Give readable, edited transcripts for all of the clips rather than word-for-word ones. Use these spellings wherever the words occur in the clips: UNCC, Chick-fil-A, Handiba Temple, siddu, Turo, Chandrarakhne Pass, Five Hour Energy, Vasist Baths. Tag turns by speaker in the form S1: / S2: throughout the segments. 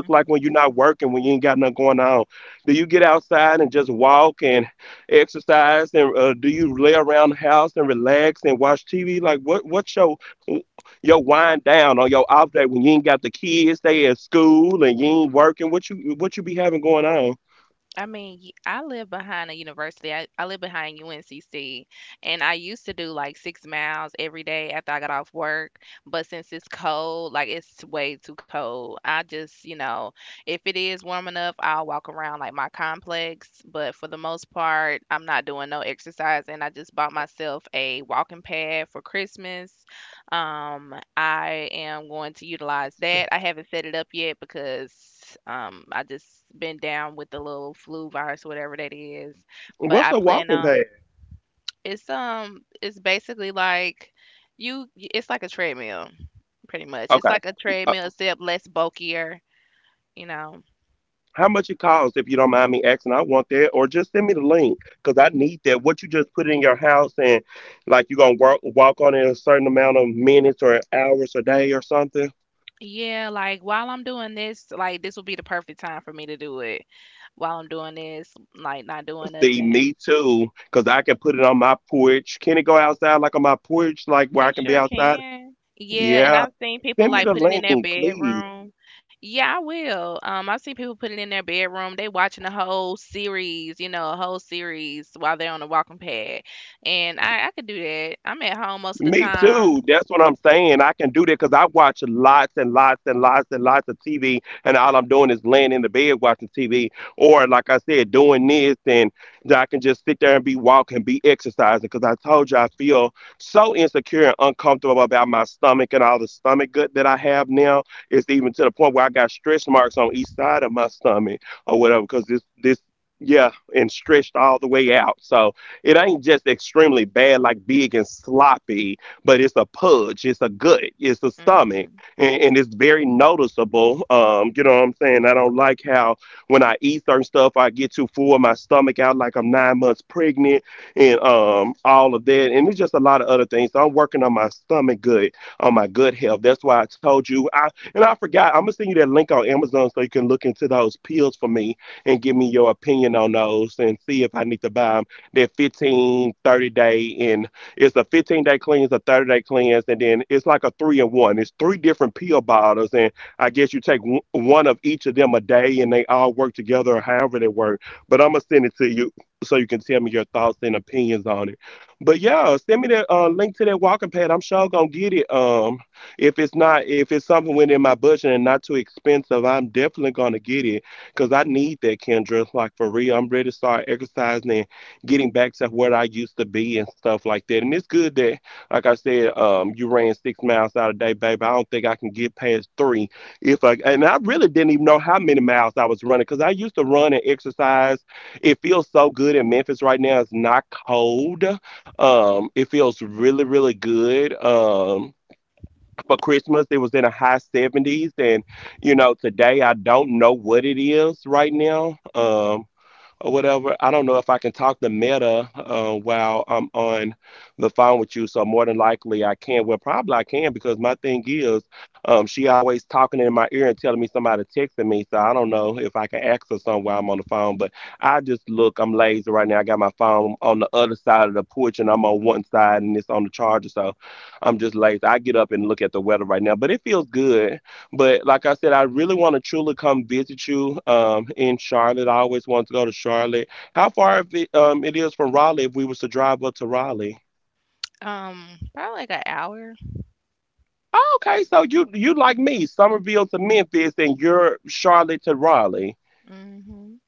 S1: Mhm. I mean, I live behind a university. I live behind UNCC, and I used to do like 6 miles every day after I got off work. But since it's cold, like it's way too cold, I just, if it is warm enough, I'll walk around like my complex. But for the most part, I'm not doing no exercise, and I just bought myself a walking pad for Christmas. I am going to utilize that. I haven't set it up yet because I just been down with the little flu virus, whatever that is. But I plan on, it's basically like, you it's like a treadmill, pretty much. It's like a treadmill except less bulkier, you know. Yeah, like while I'm doing this, like this will be the perfect time for me to do it. While I'm doing this, like not doing nothing. It sure can. Yeah, and I've seen people like put it in their bedroom. Yeah, I will. I've seen people put it in their bedroom. They watching the whole series, a whole series while they're on the walking pad. And I could do that. I'm at home most of the time. Hmm. Um, probably like an hour. Hmm.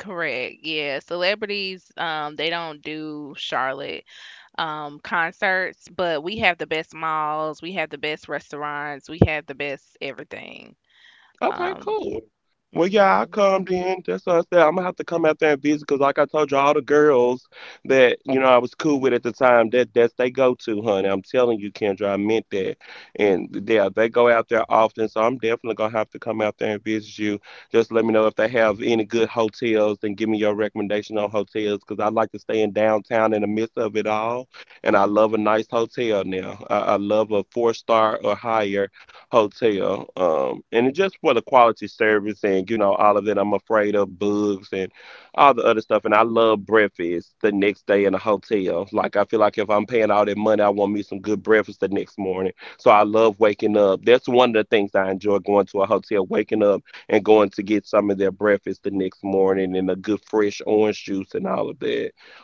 S1: Correct. Yeah. Celebrities, they don't do Charlotte concerts, but we have the best malls, we have the best restaurants, we have the best everything. Um, mhm,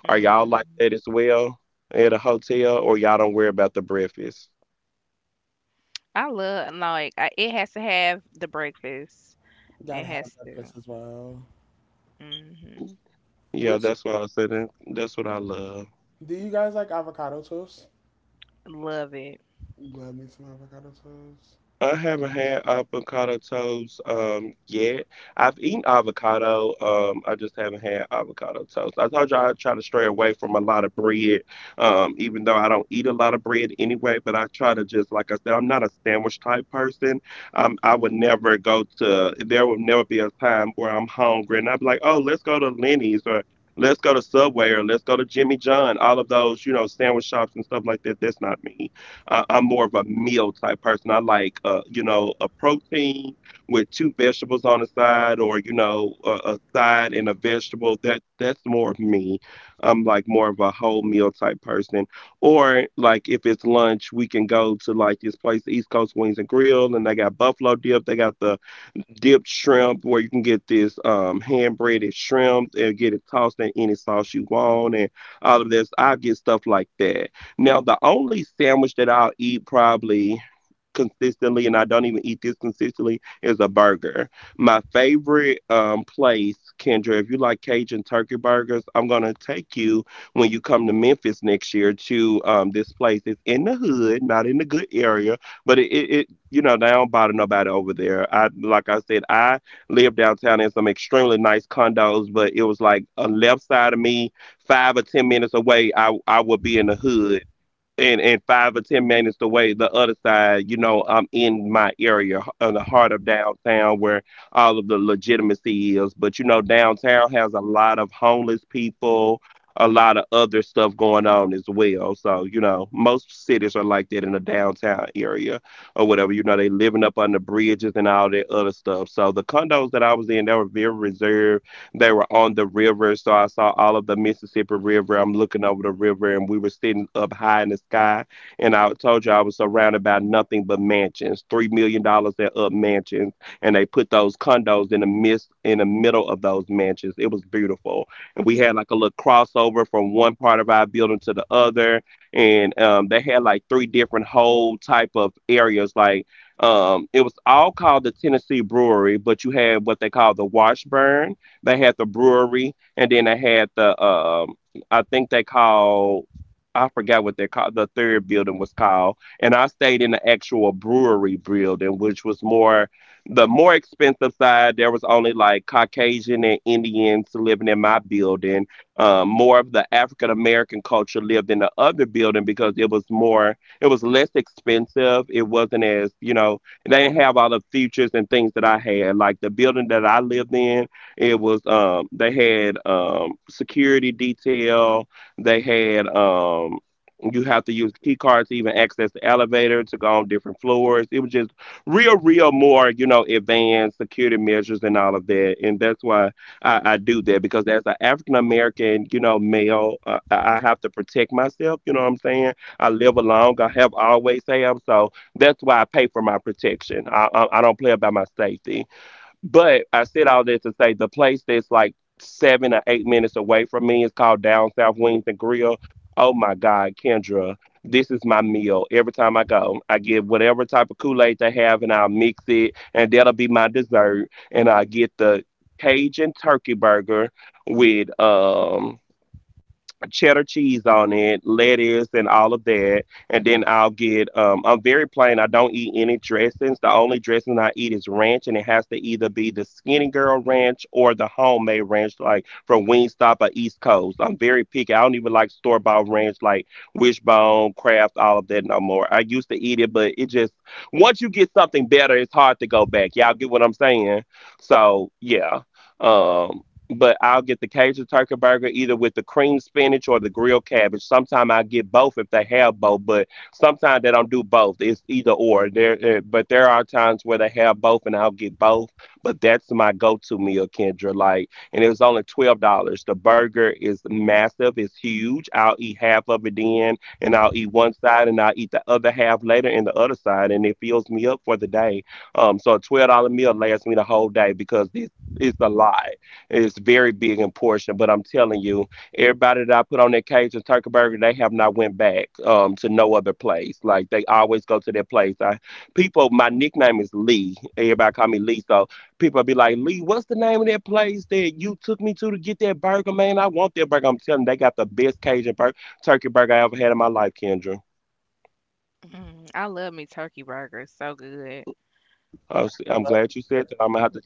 S1: mhm. I love like, it has to have the breakfast. It
S2: Gotta have
S1: has
S2: a
S1: to.
S2: breakfast as well.
S1: Mhm.
S2: Which do you guys like avocado toast?
S1: Love it.
S2: Love me some avocado toast.
S1: Mm, I love me turkey burgers. So good.
S2: Love me some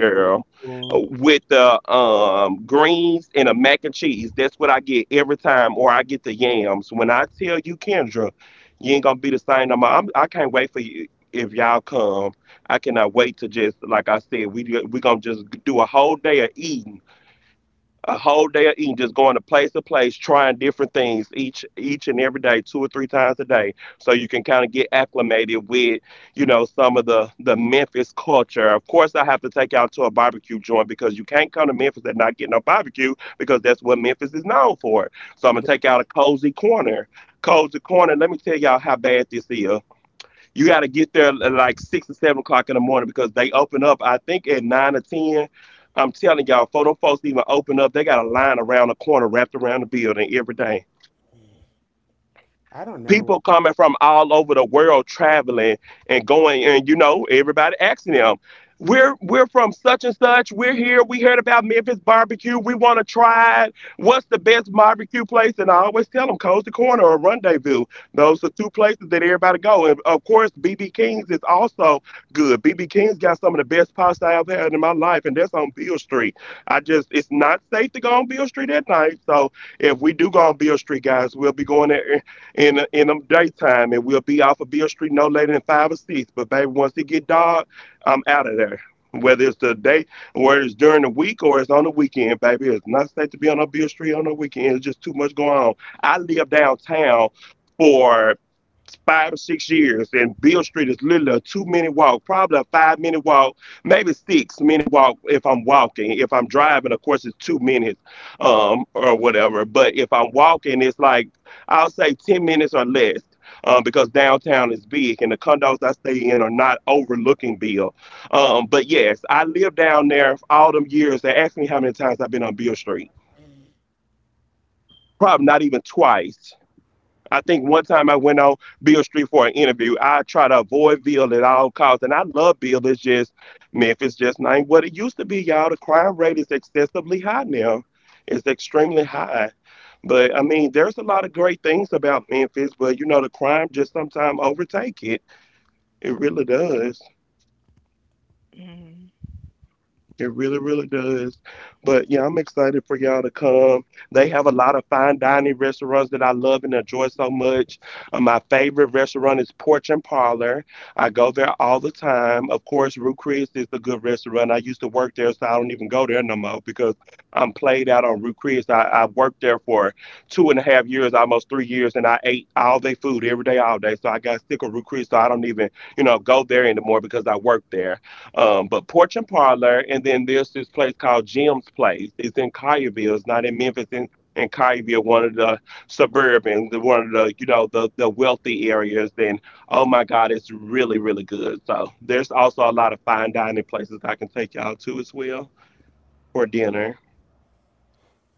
S2: avocado toast. Ooh. I don't never.
S1: Mhm.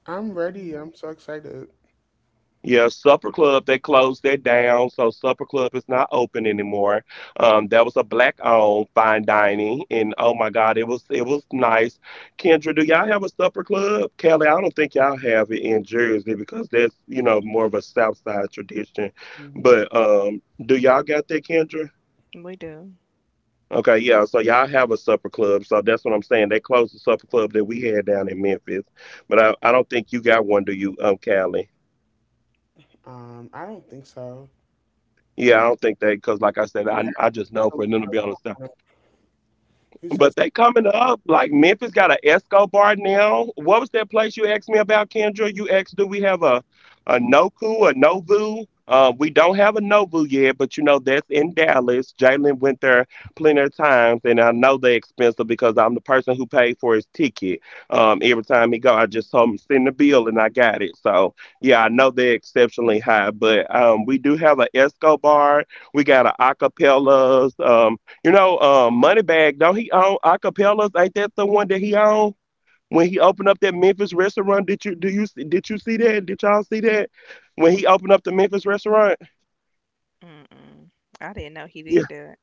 S2: I'm ready.
S1: Mm,
S2: I'm so excited. hmm
S1: we do.
S2: I don't think so. We have to look at- Who says
S1: Mm-mm. I didn't know he did that.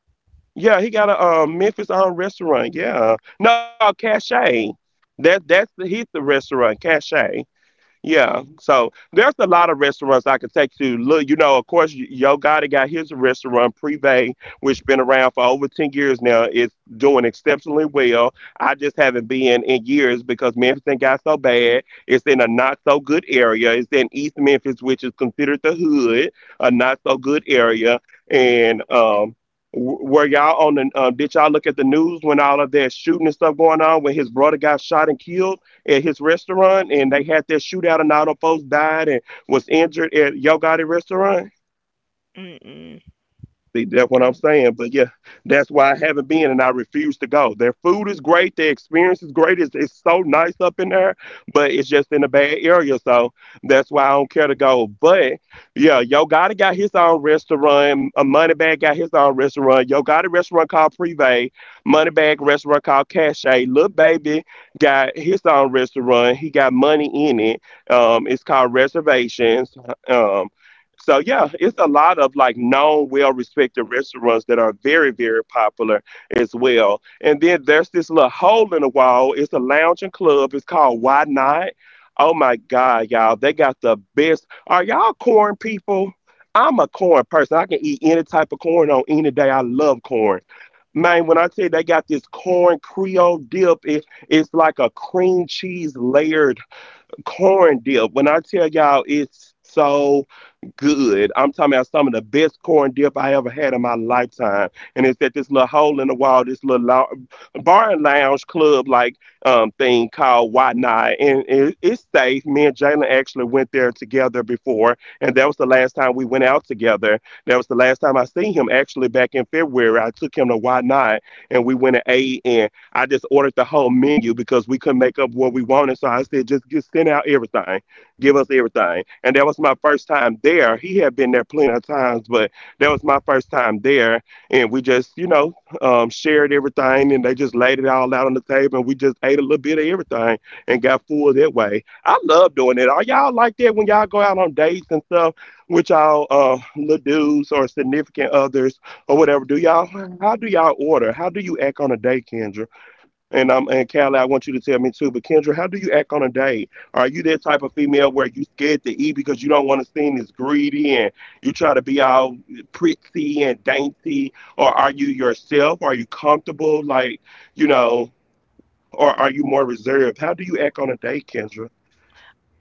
S1: Mm-mm.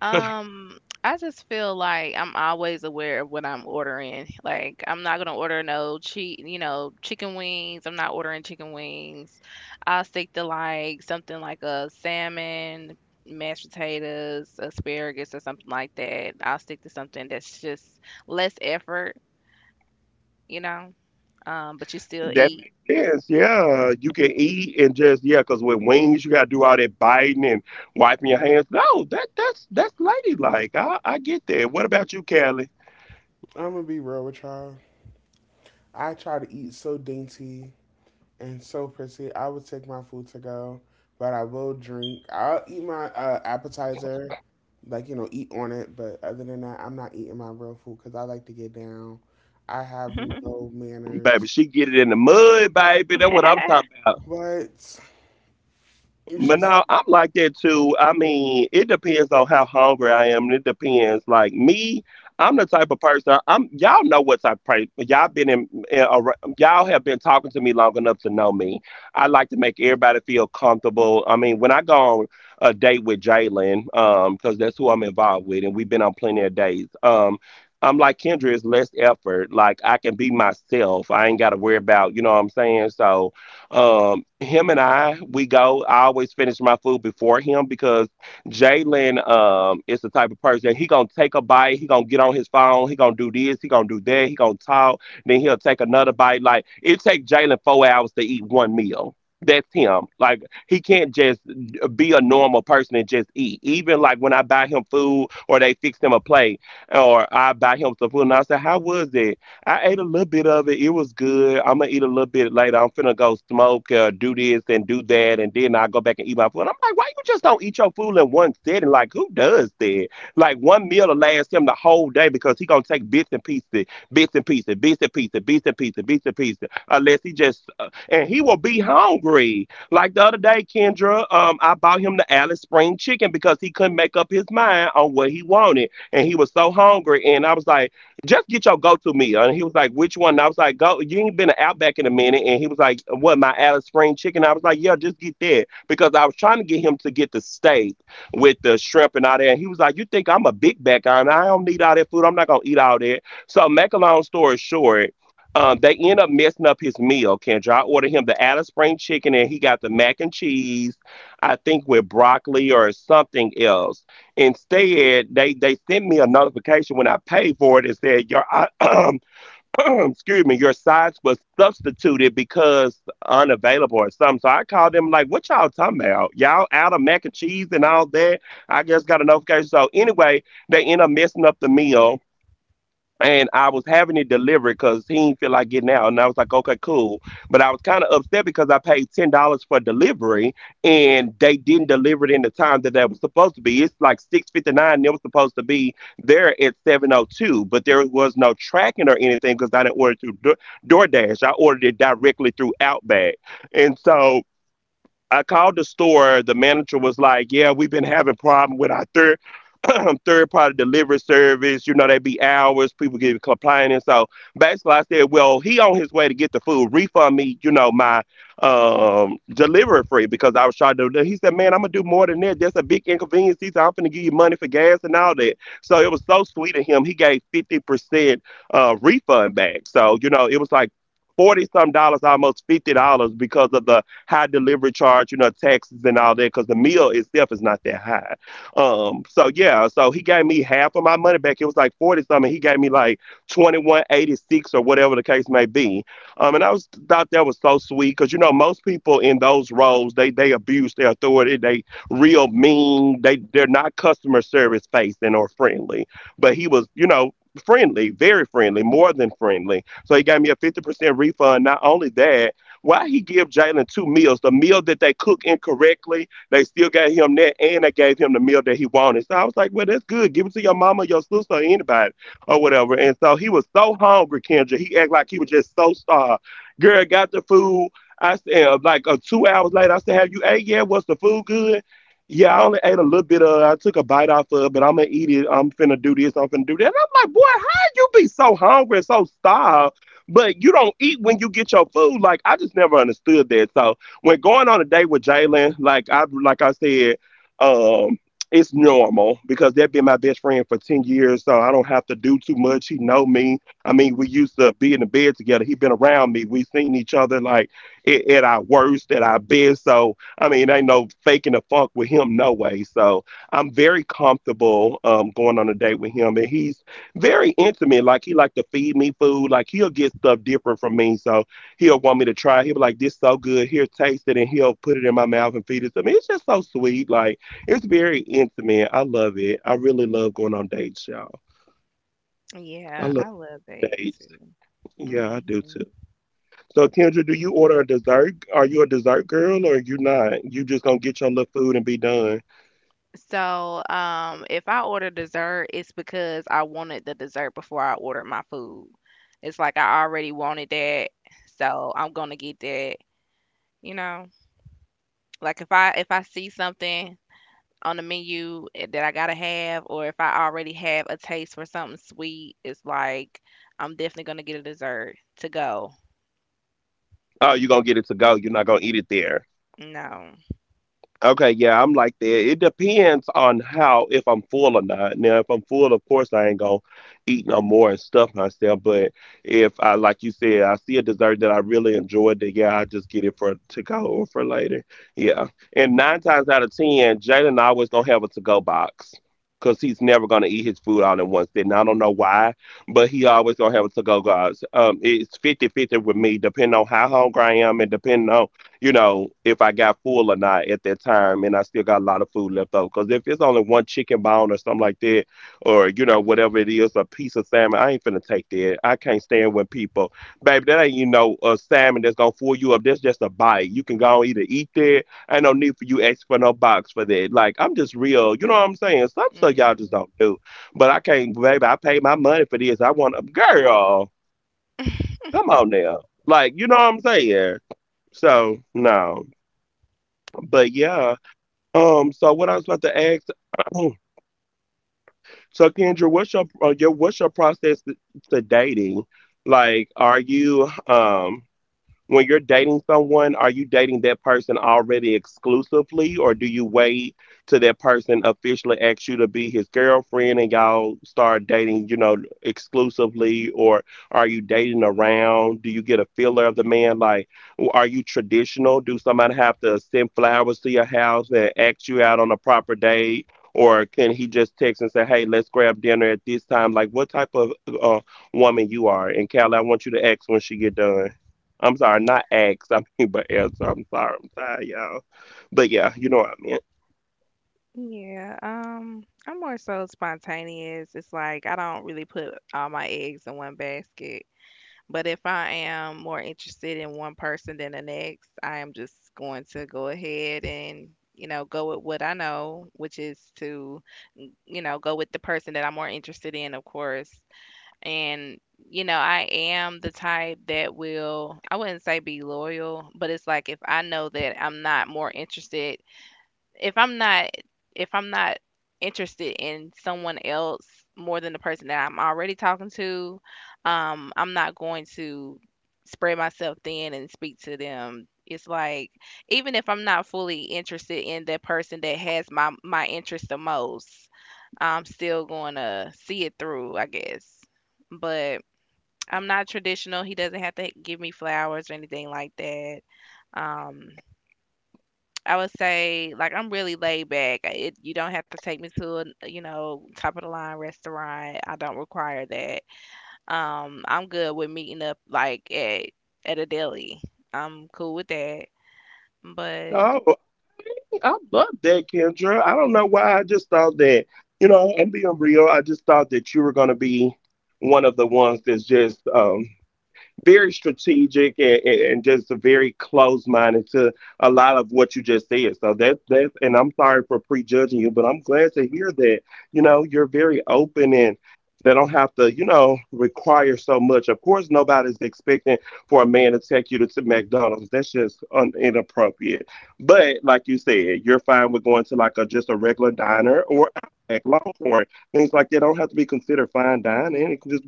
S1: Um, I just feel like I'm always aware of what I'm ordering. Like, I'm not gonna order no cheat, chicken wings. I'm not ordering chicken wings. I'll stick to like something like a salmon, mashed potatoes, asparagus, or something like that. I'll stick to something that's just less effort, you know, but you still eat.
S2: I'm gonna be real with y'all? I try to eat so dainty and so pretty. I would take my food to go, but I will drink. I'll eat my appetizer, eat on it. But other than that, I'm not eating my real food because I like to get down. I have no manners, but you should.
S1: Yeah, I love dates too. Hmm. So, if I order dessert, it's because I wanted the dessert before I ordered my food. It's like I already wanted that, so I'm gonna get that, you know? Like if I see something on the menu, that I gotta have, or if I already have a taste for something sweet, it's like I'm definitely gonna get a dessert to go. No. Hmm. Yeah, I'm more so spontaneous. It's like I don't really put all my eggs in one basket. But if I am more interested in one person than the next, I am just going to go ahead and, go with what I know, which is to, go with the person that I'm more interested in, of course. And, I am the type that will, I wouldn't say be loyal, but it's like if I know that I'm not more interested if I'm not if I'm not interested in someone else more than the person that I'm already talking to, I'm not going to spread myself thin and speak to them. It's like even if I'm not fully interested in that person that has my interest the most, I'm still going to see it through, I guess. But I'm not traditional. He doesn't have to give me flowers or anything like that. Um, I would say, like, I'm really laid back. It, you don't have to take me to a, top of the line restaurant. I don't require that. I'm good with meeting up like at a deli. I'm cool with that. But.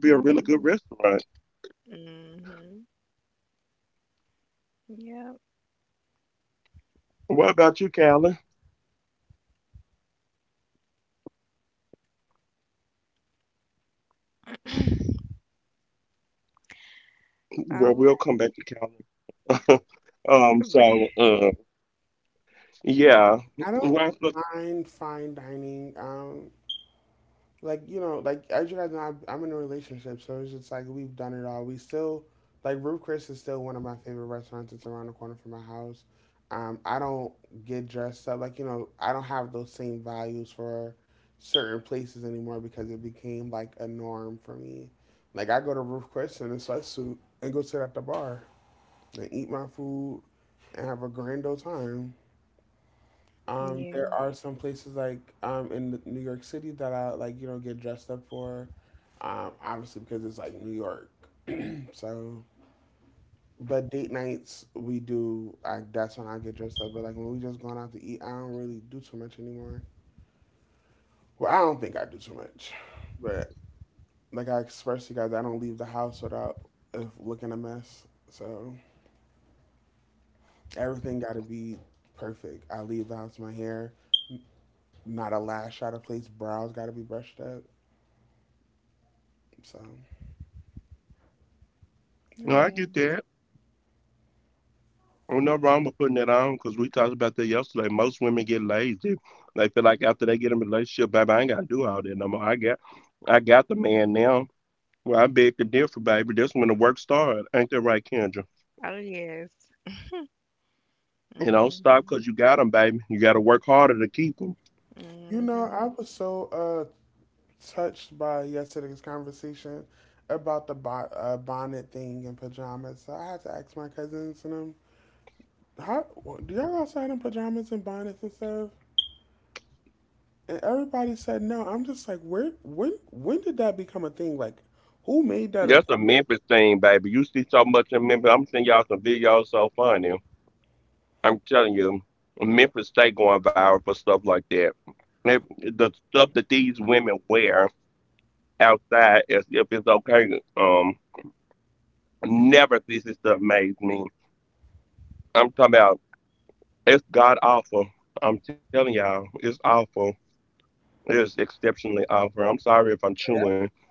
S1: Hmm. Hmm. Yep. All right.
S2: I don't mind fine dining. Like as you guys know, I'm in a relationship, so it's just like we've done it all. We still like Ruth Chris is still one of my favorite restaurants. It's around the corner from my house. I don't get dressed up. I don't have those same values for certain places anymore because it became like a norm for me. Like I go to Ruth Chris in a sweatsuit and go sit at the bar and eat my food and have a grand old time. There
S1: Yeah.
S2: are some places like in New York City that I like, you know, get dressed up for. Obviously because it's like New York. So, but date nights we do. Like that's when I get dressed up. But like when we just going out to eat, I don't really do too much anymore. Well, I don't think I do too much. But like I expressed to you guys, I don't leave the house without looking a mess. So everything got to be perfect. I leave the house with my hair, not a lash out of place. Brows got to be brushed up. So. There's,
S1: Yeah. Oh yes. Hmm.
S2: you know, I
S1: Hmm.
S2: was so touched by yesterday's conversation about the bonnet thing and pajamas. So I had to ask my cousins and them, how do y'all go outside in pajamas and bonnets and stuff? And everybody said no. I'm just like, when did that become a thing? Like, who made that a thing?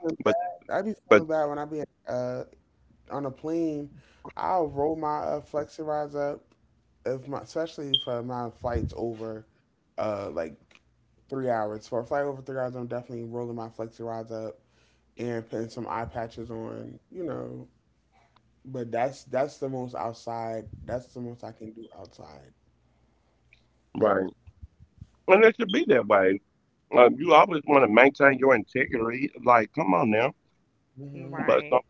S2: Like, I be feeling bad when I be uh on a plane. I'll roll my Flexirise up, if my, especially for my flights over like 3 hours. For a flight over 3 hours, I'm definitely rolling my Flexirise up and putting some eye patches on, you know. But that's the most outside. That's the most I can do outside. hmm
S1: Right.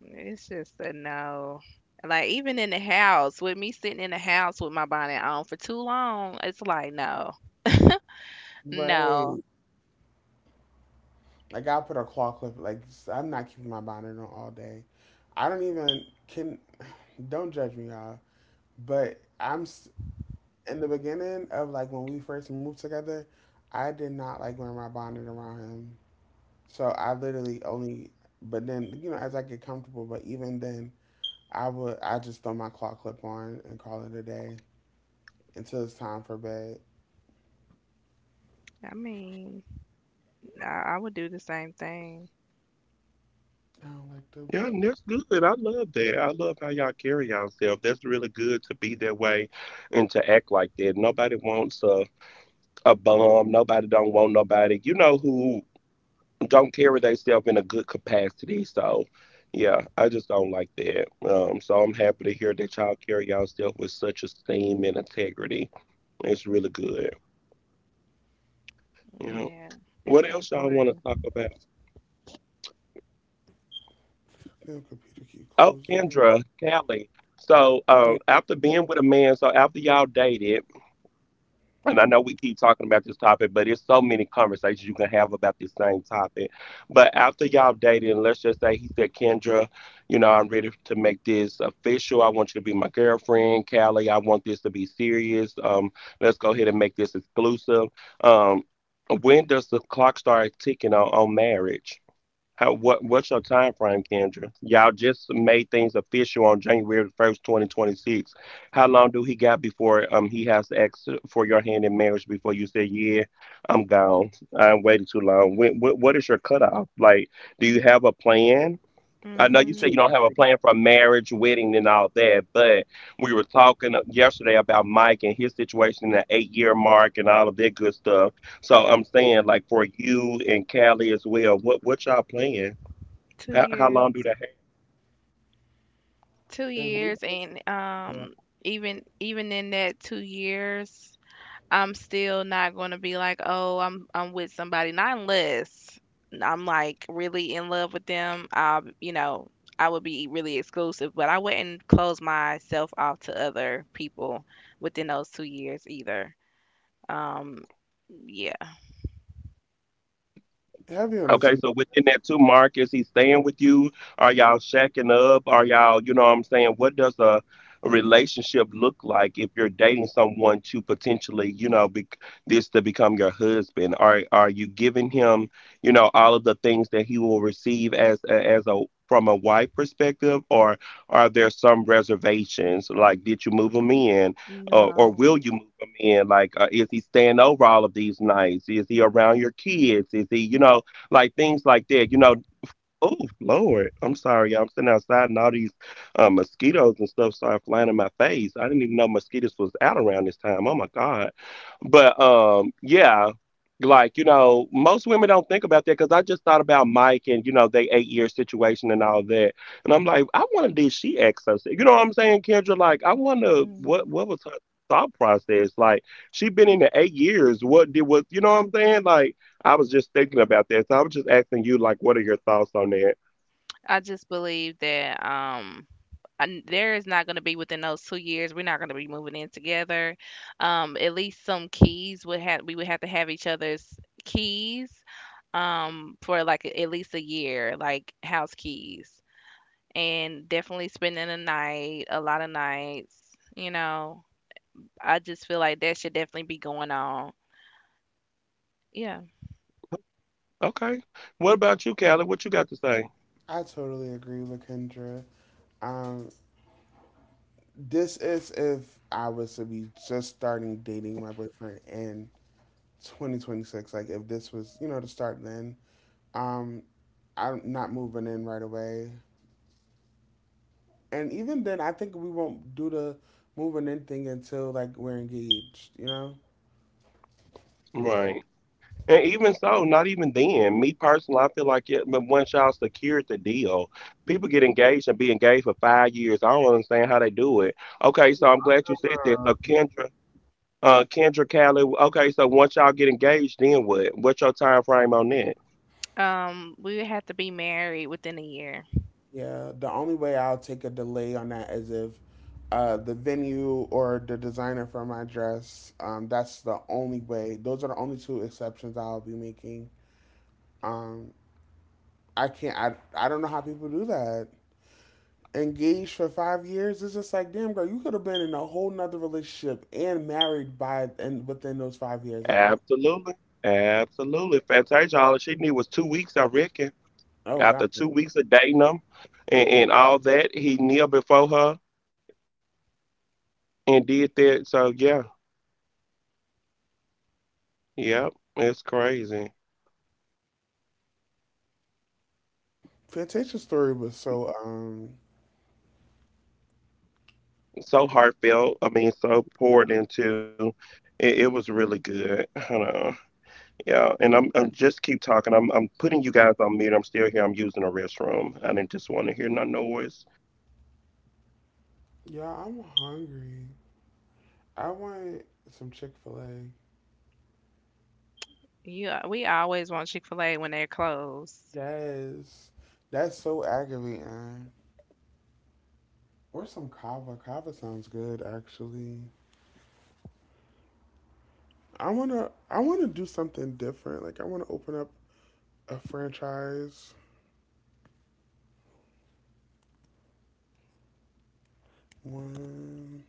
S1: It's just a no. Like even in the house, with me sitting in the house with my bonnet on for too long, it's like no, no.
S2: Right. Like I put a claw clip. Like I'm not keeping my bonnet on all day. I don't even can. Don't judge me, y'all. But I'm in the beginning of like when we first moved together, I did not like wearing my bonnet around him. So I literally only, but then, you know, as I get comfortable, but even then, I just throw my claw clip on and call it a day until it's time for bed.
S1: I mean, I would do the same thing.
S2: I don't like
S1: Yeah, it's important.
S2: the computer keep closing. Yeah. Two,
S1: Mhm. 2 years. Two
S2: if we
S1: years,
S2: just,
S1: and
S2: yeah.
S1: um, even in that 2 years, I'm still not gonna be like, "Oh, I'm with somebody," not unless I'm like really in love with them. I would be really exclusive, but I wouldn't close myself off to other people within those 2 years either. Um, yeah,
S2: Heavy on the tweet.
S1: no. Mhm. I just believe that and there is not going to be, within those 2 years we're not going to be moving in together. At least some keys would have we would have to have each other's keys for like at least a year, like house keys, and definitely spending a night, a lot of nights you know i just feel like that should definitely be going on. Yeah.
S2: I totally agree with Kendra. Um, this is if I was to be just starting dating my boyfriend and 2026, like if this was, you know, to start then, um I'm not moving in right away. And even then I think we won't do the moving in thing until like we're engaged, you know. Uh,
S1: We would have to be married within a year.
S2: yeah, the only way I'll take a delay on that is if the venue or the designer for my dress, that's the only way, those are the only two exceptions I'll be making. um I can't I don't know how people do that, engaged for 5 years. It's just like, damn girl, you could have been in a whole nother relationship and married by and within those 5 years. Like, I, oh god, Fantasia story was so. Yeah, I'm hungry. I want some Chick Fil A.
S1: You. We always want chick-fil-a when they're closed.
S2: Yes, that's so aggravating. Or some kava. Kava sounds good, actually. I wanna do something different. Like, I wanna open up a franchise. One,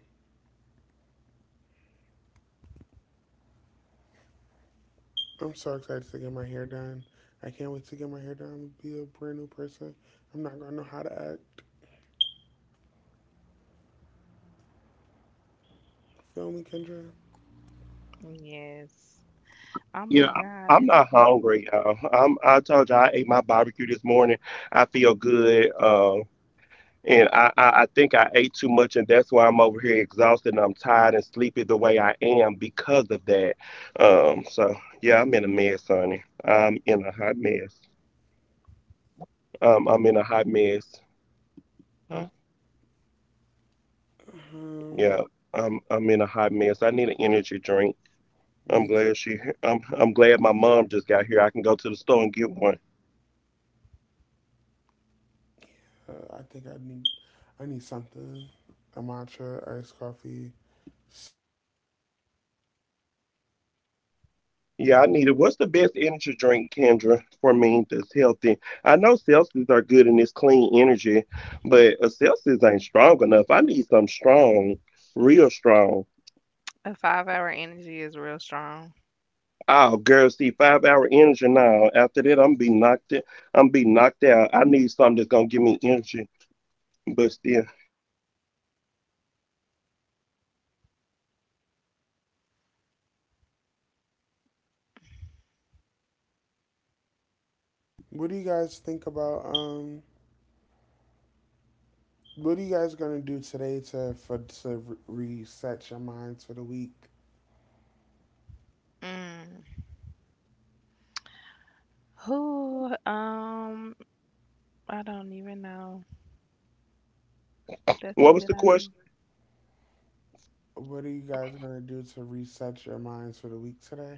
S2: I'm so excited to get my hair done. I can't wait to get my hair done. Be a brand new person. I'm not gonna know how to act. Feel me, Kendra?
S1: Yes. Oh my God, did it? Mm.
S2: Um, need, uh, I think I need, I need something. A matcha, iced coffee.
S1: A 5-hour energy is real strong.
S2: What do you guys think about? What are you guys gonna do today to for to reset your minds for the week?
S1: Mm. Who? I don't even know. That's a good idea.
S2: What are you guys gonna do to reset your minds for the week today?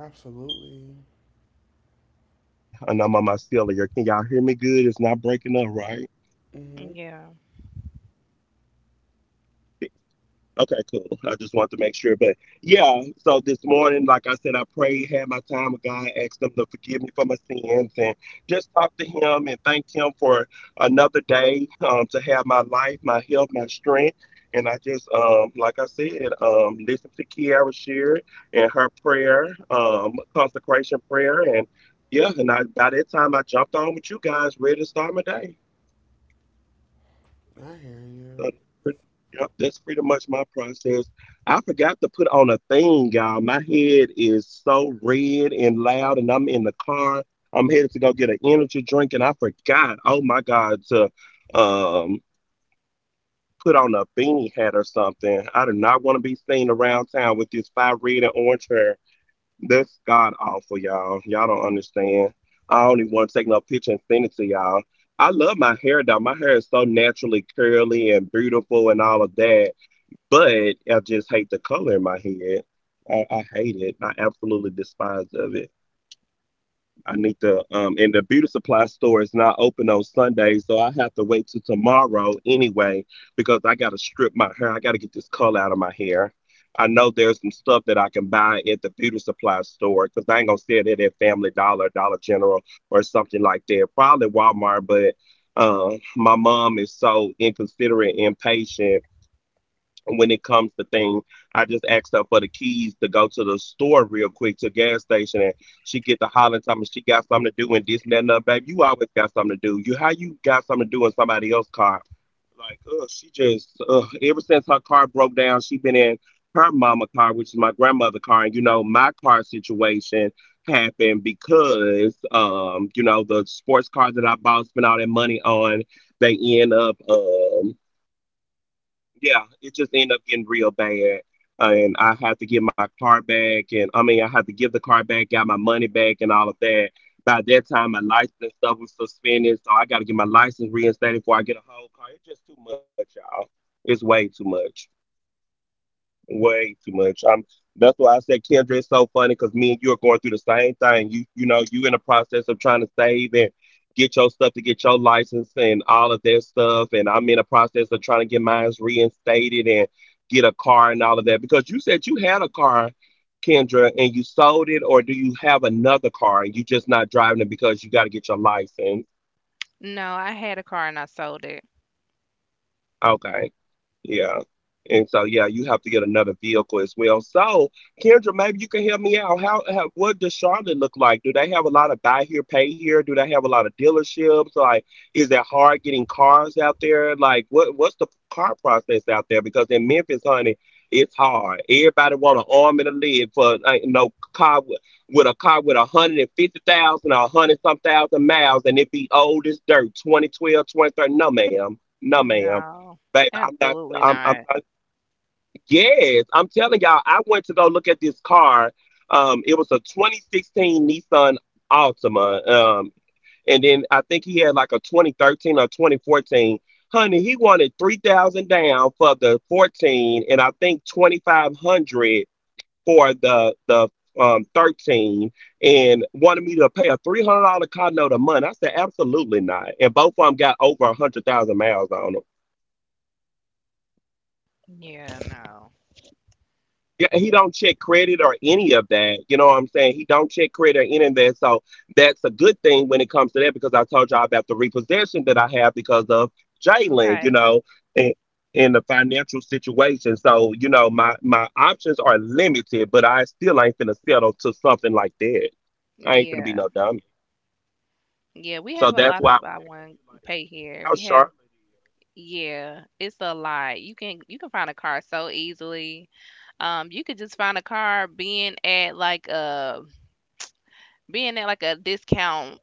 S2: Absolutely. Mhm.
S1: Yeah.
S2: I hear you.
S1: No, I had a car and I sold it. No, absolutely not. Yeah, no. Okay. Yeah. Yeah, we have a lot of buy one pay here. We have yeah, it's a lot. You can find a car so easily. You could just find a car being at like a discount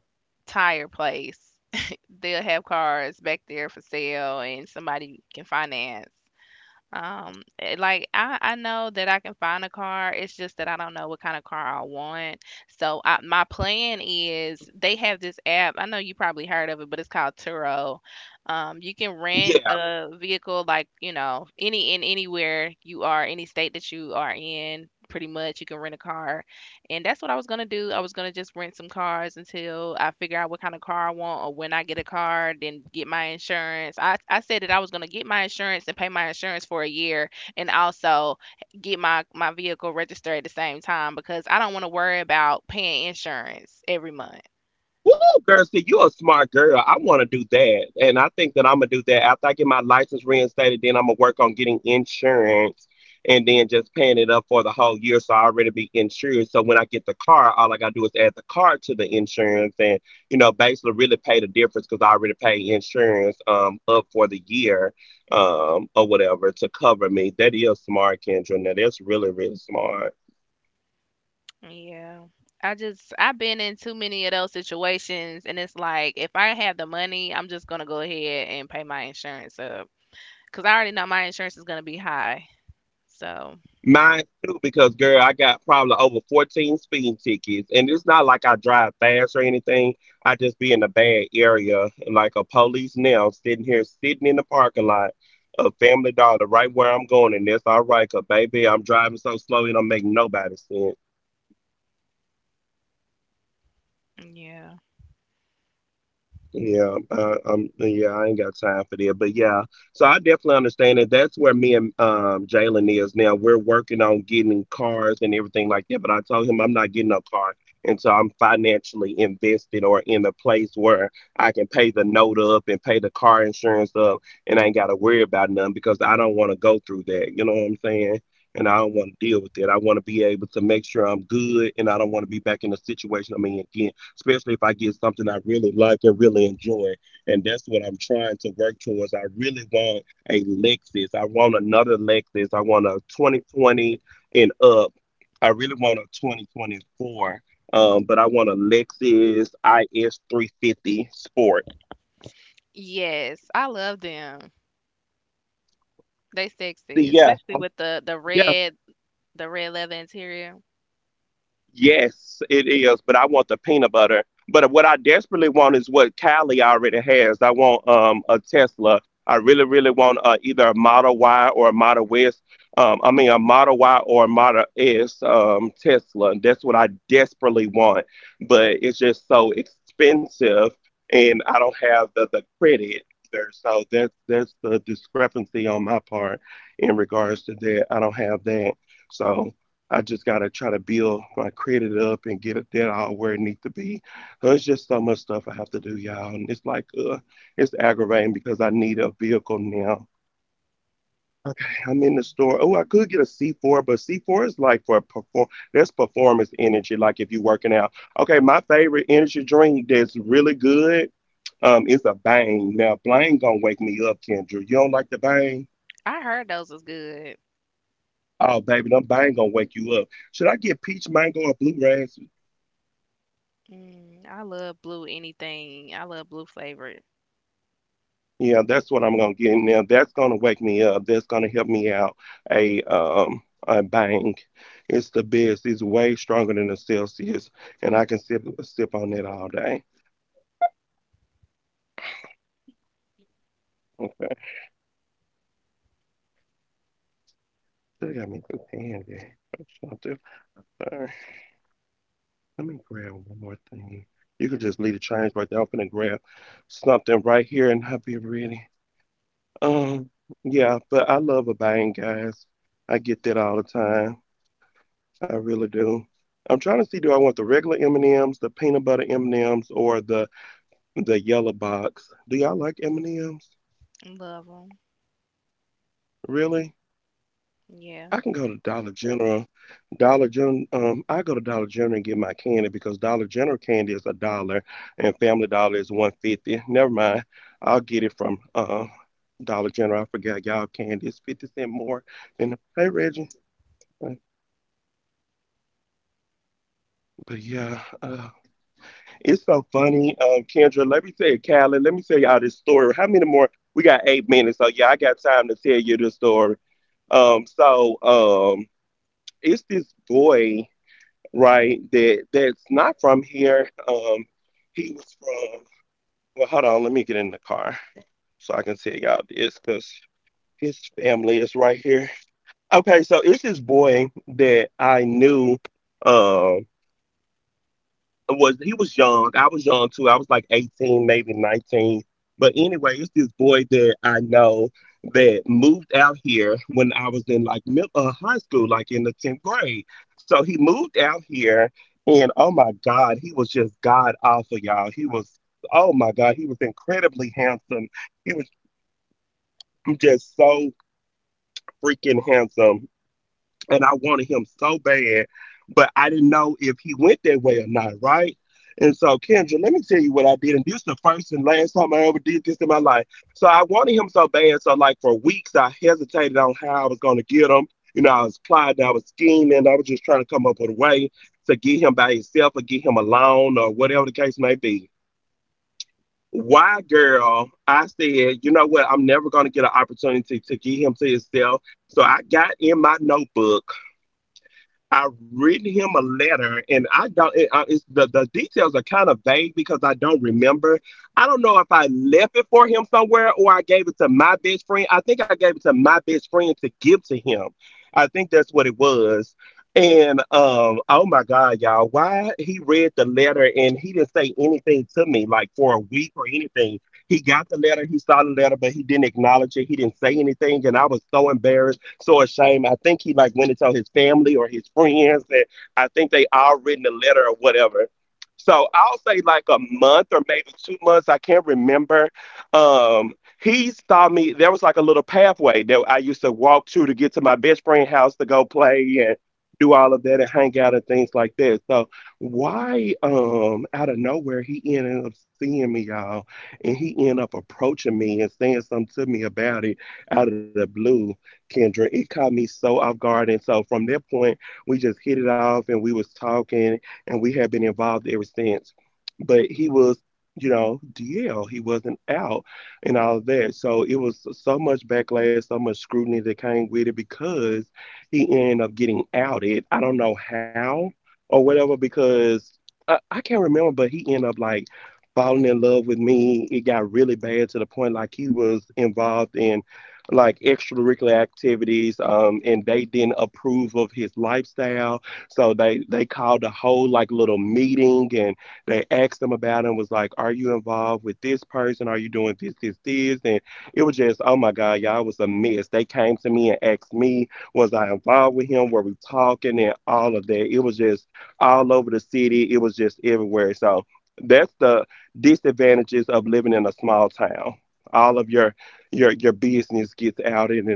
S1: tire place, they'll have cars back there for sale and somebody can finance. Like I know that I can find a car. It's just that I don't know what kind of car I want. So my plan is they have this app. I know you probably heard of it, but it's called Turo. You can rent a vehicle like, anywhere you are, any state that you are in, pretty much you can rent a car, and that's what I was gonna do. I was gonna just rent some cars until I figure out what kind of car I want, or when I get a car, then get my insurance. I said that I was gonna get my insurance and pay my insurance for a year, and also get my vehicle registered at the same time because I don't wanna worry about paying insurance every month. Yeah. I've been in too many of those situations, and it's like if I have the money, I'm just going to go ahead and pay my insurance up cuz I already know my insurance is going to be high. So, yeah. Yes, I love them. They sexy, especially with the red leather interior. I heard those was good. Mm, I love blue anything. I love blue flavored. Love them. Yeah.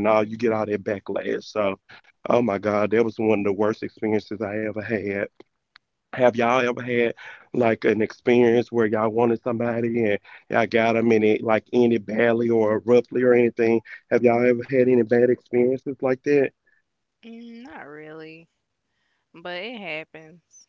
S1: Hmm. Mm, not really, but it happens.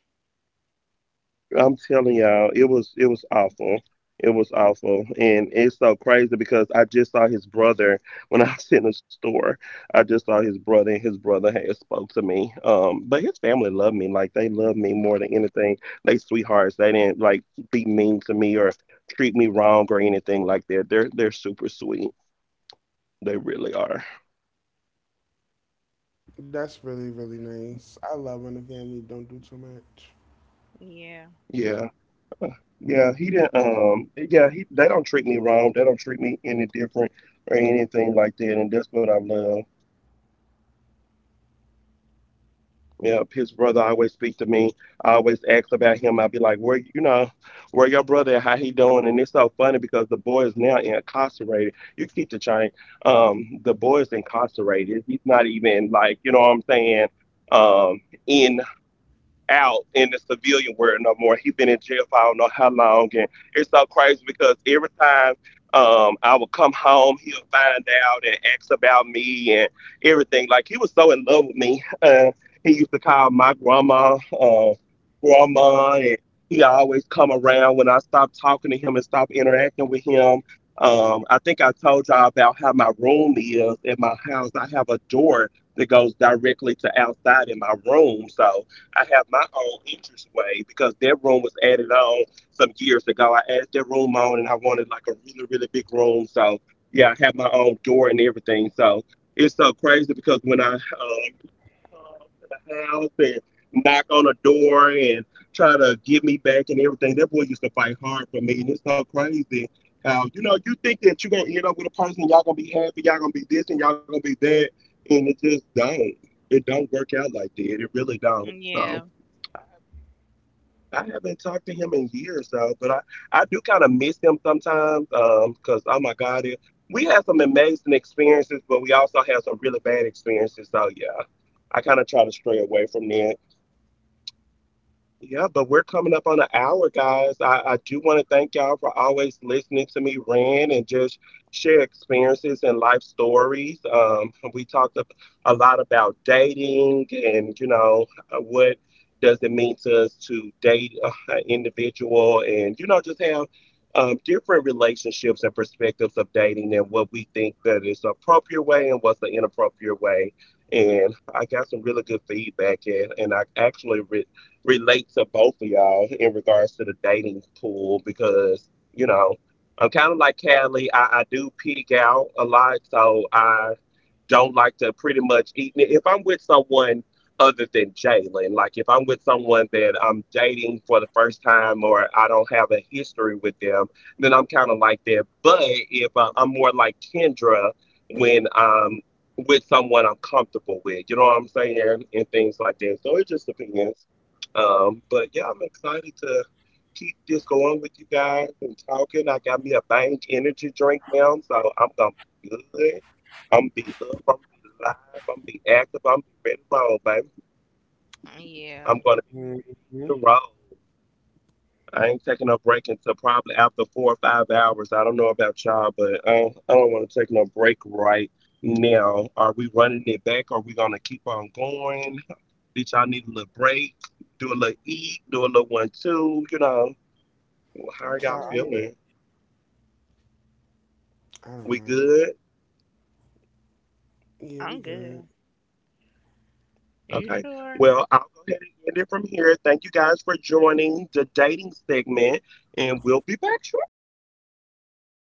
S2: That's really, really nice. I love when the family don't do too much.
S1: Yeah. Yeah. Yeah.
S2: hmm
S1: I'm
S2: would-
S1: good.
S2: I don't know. Yeah, we
S1: I'm
S2: good.
S1: good. Are you sure?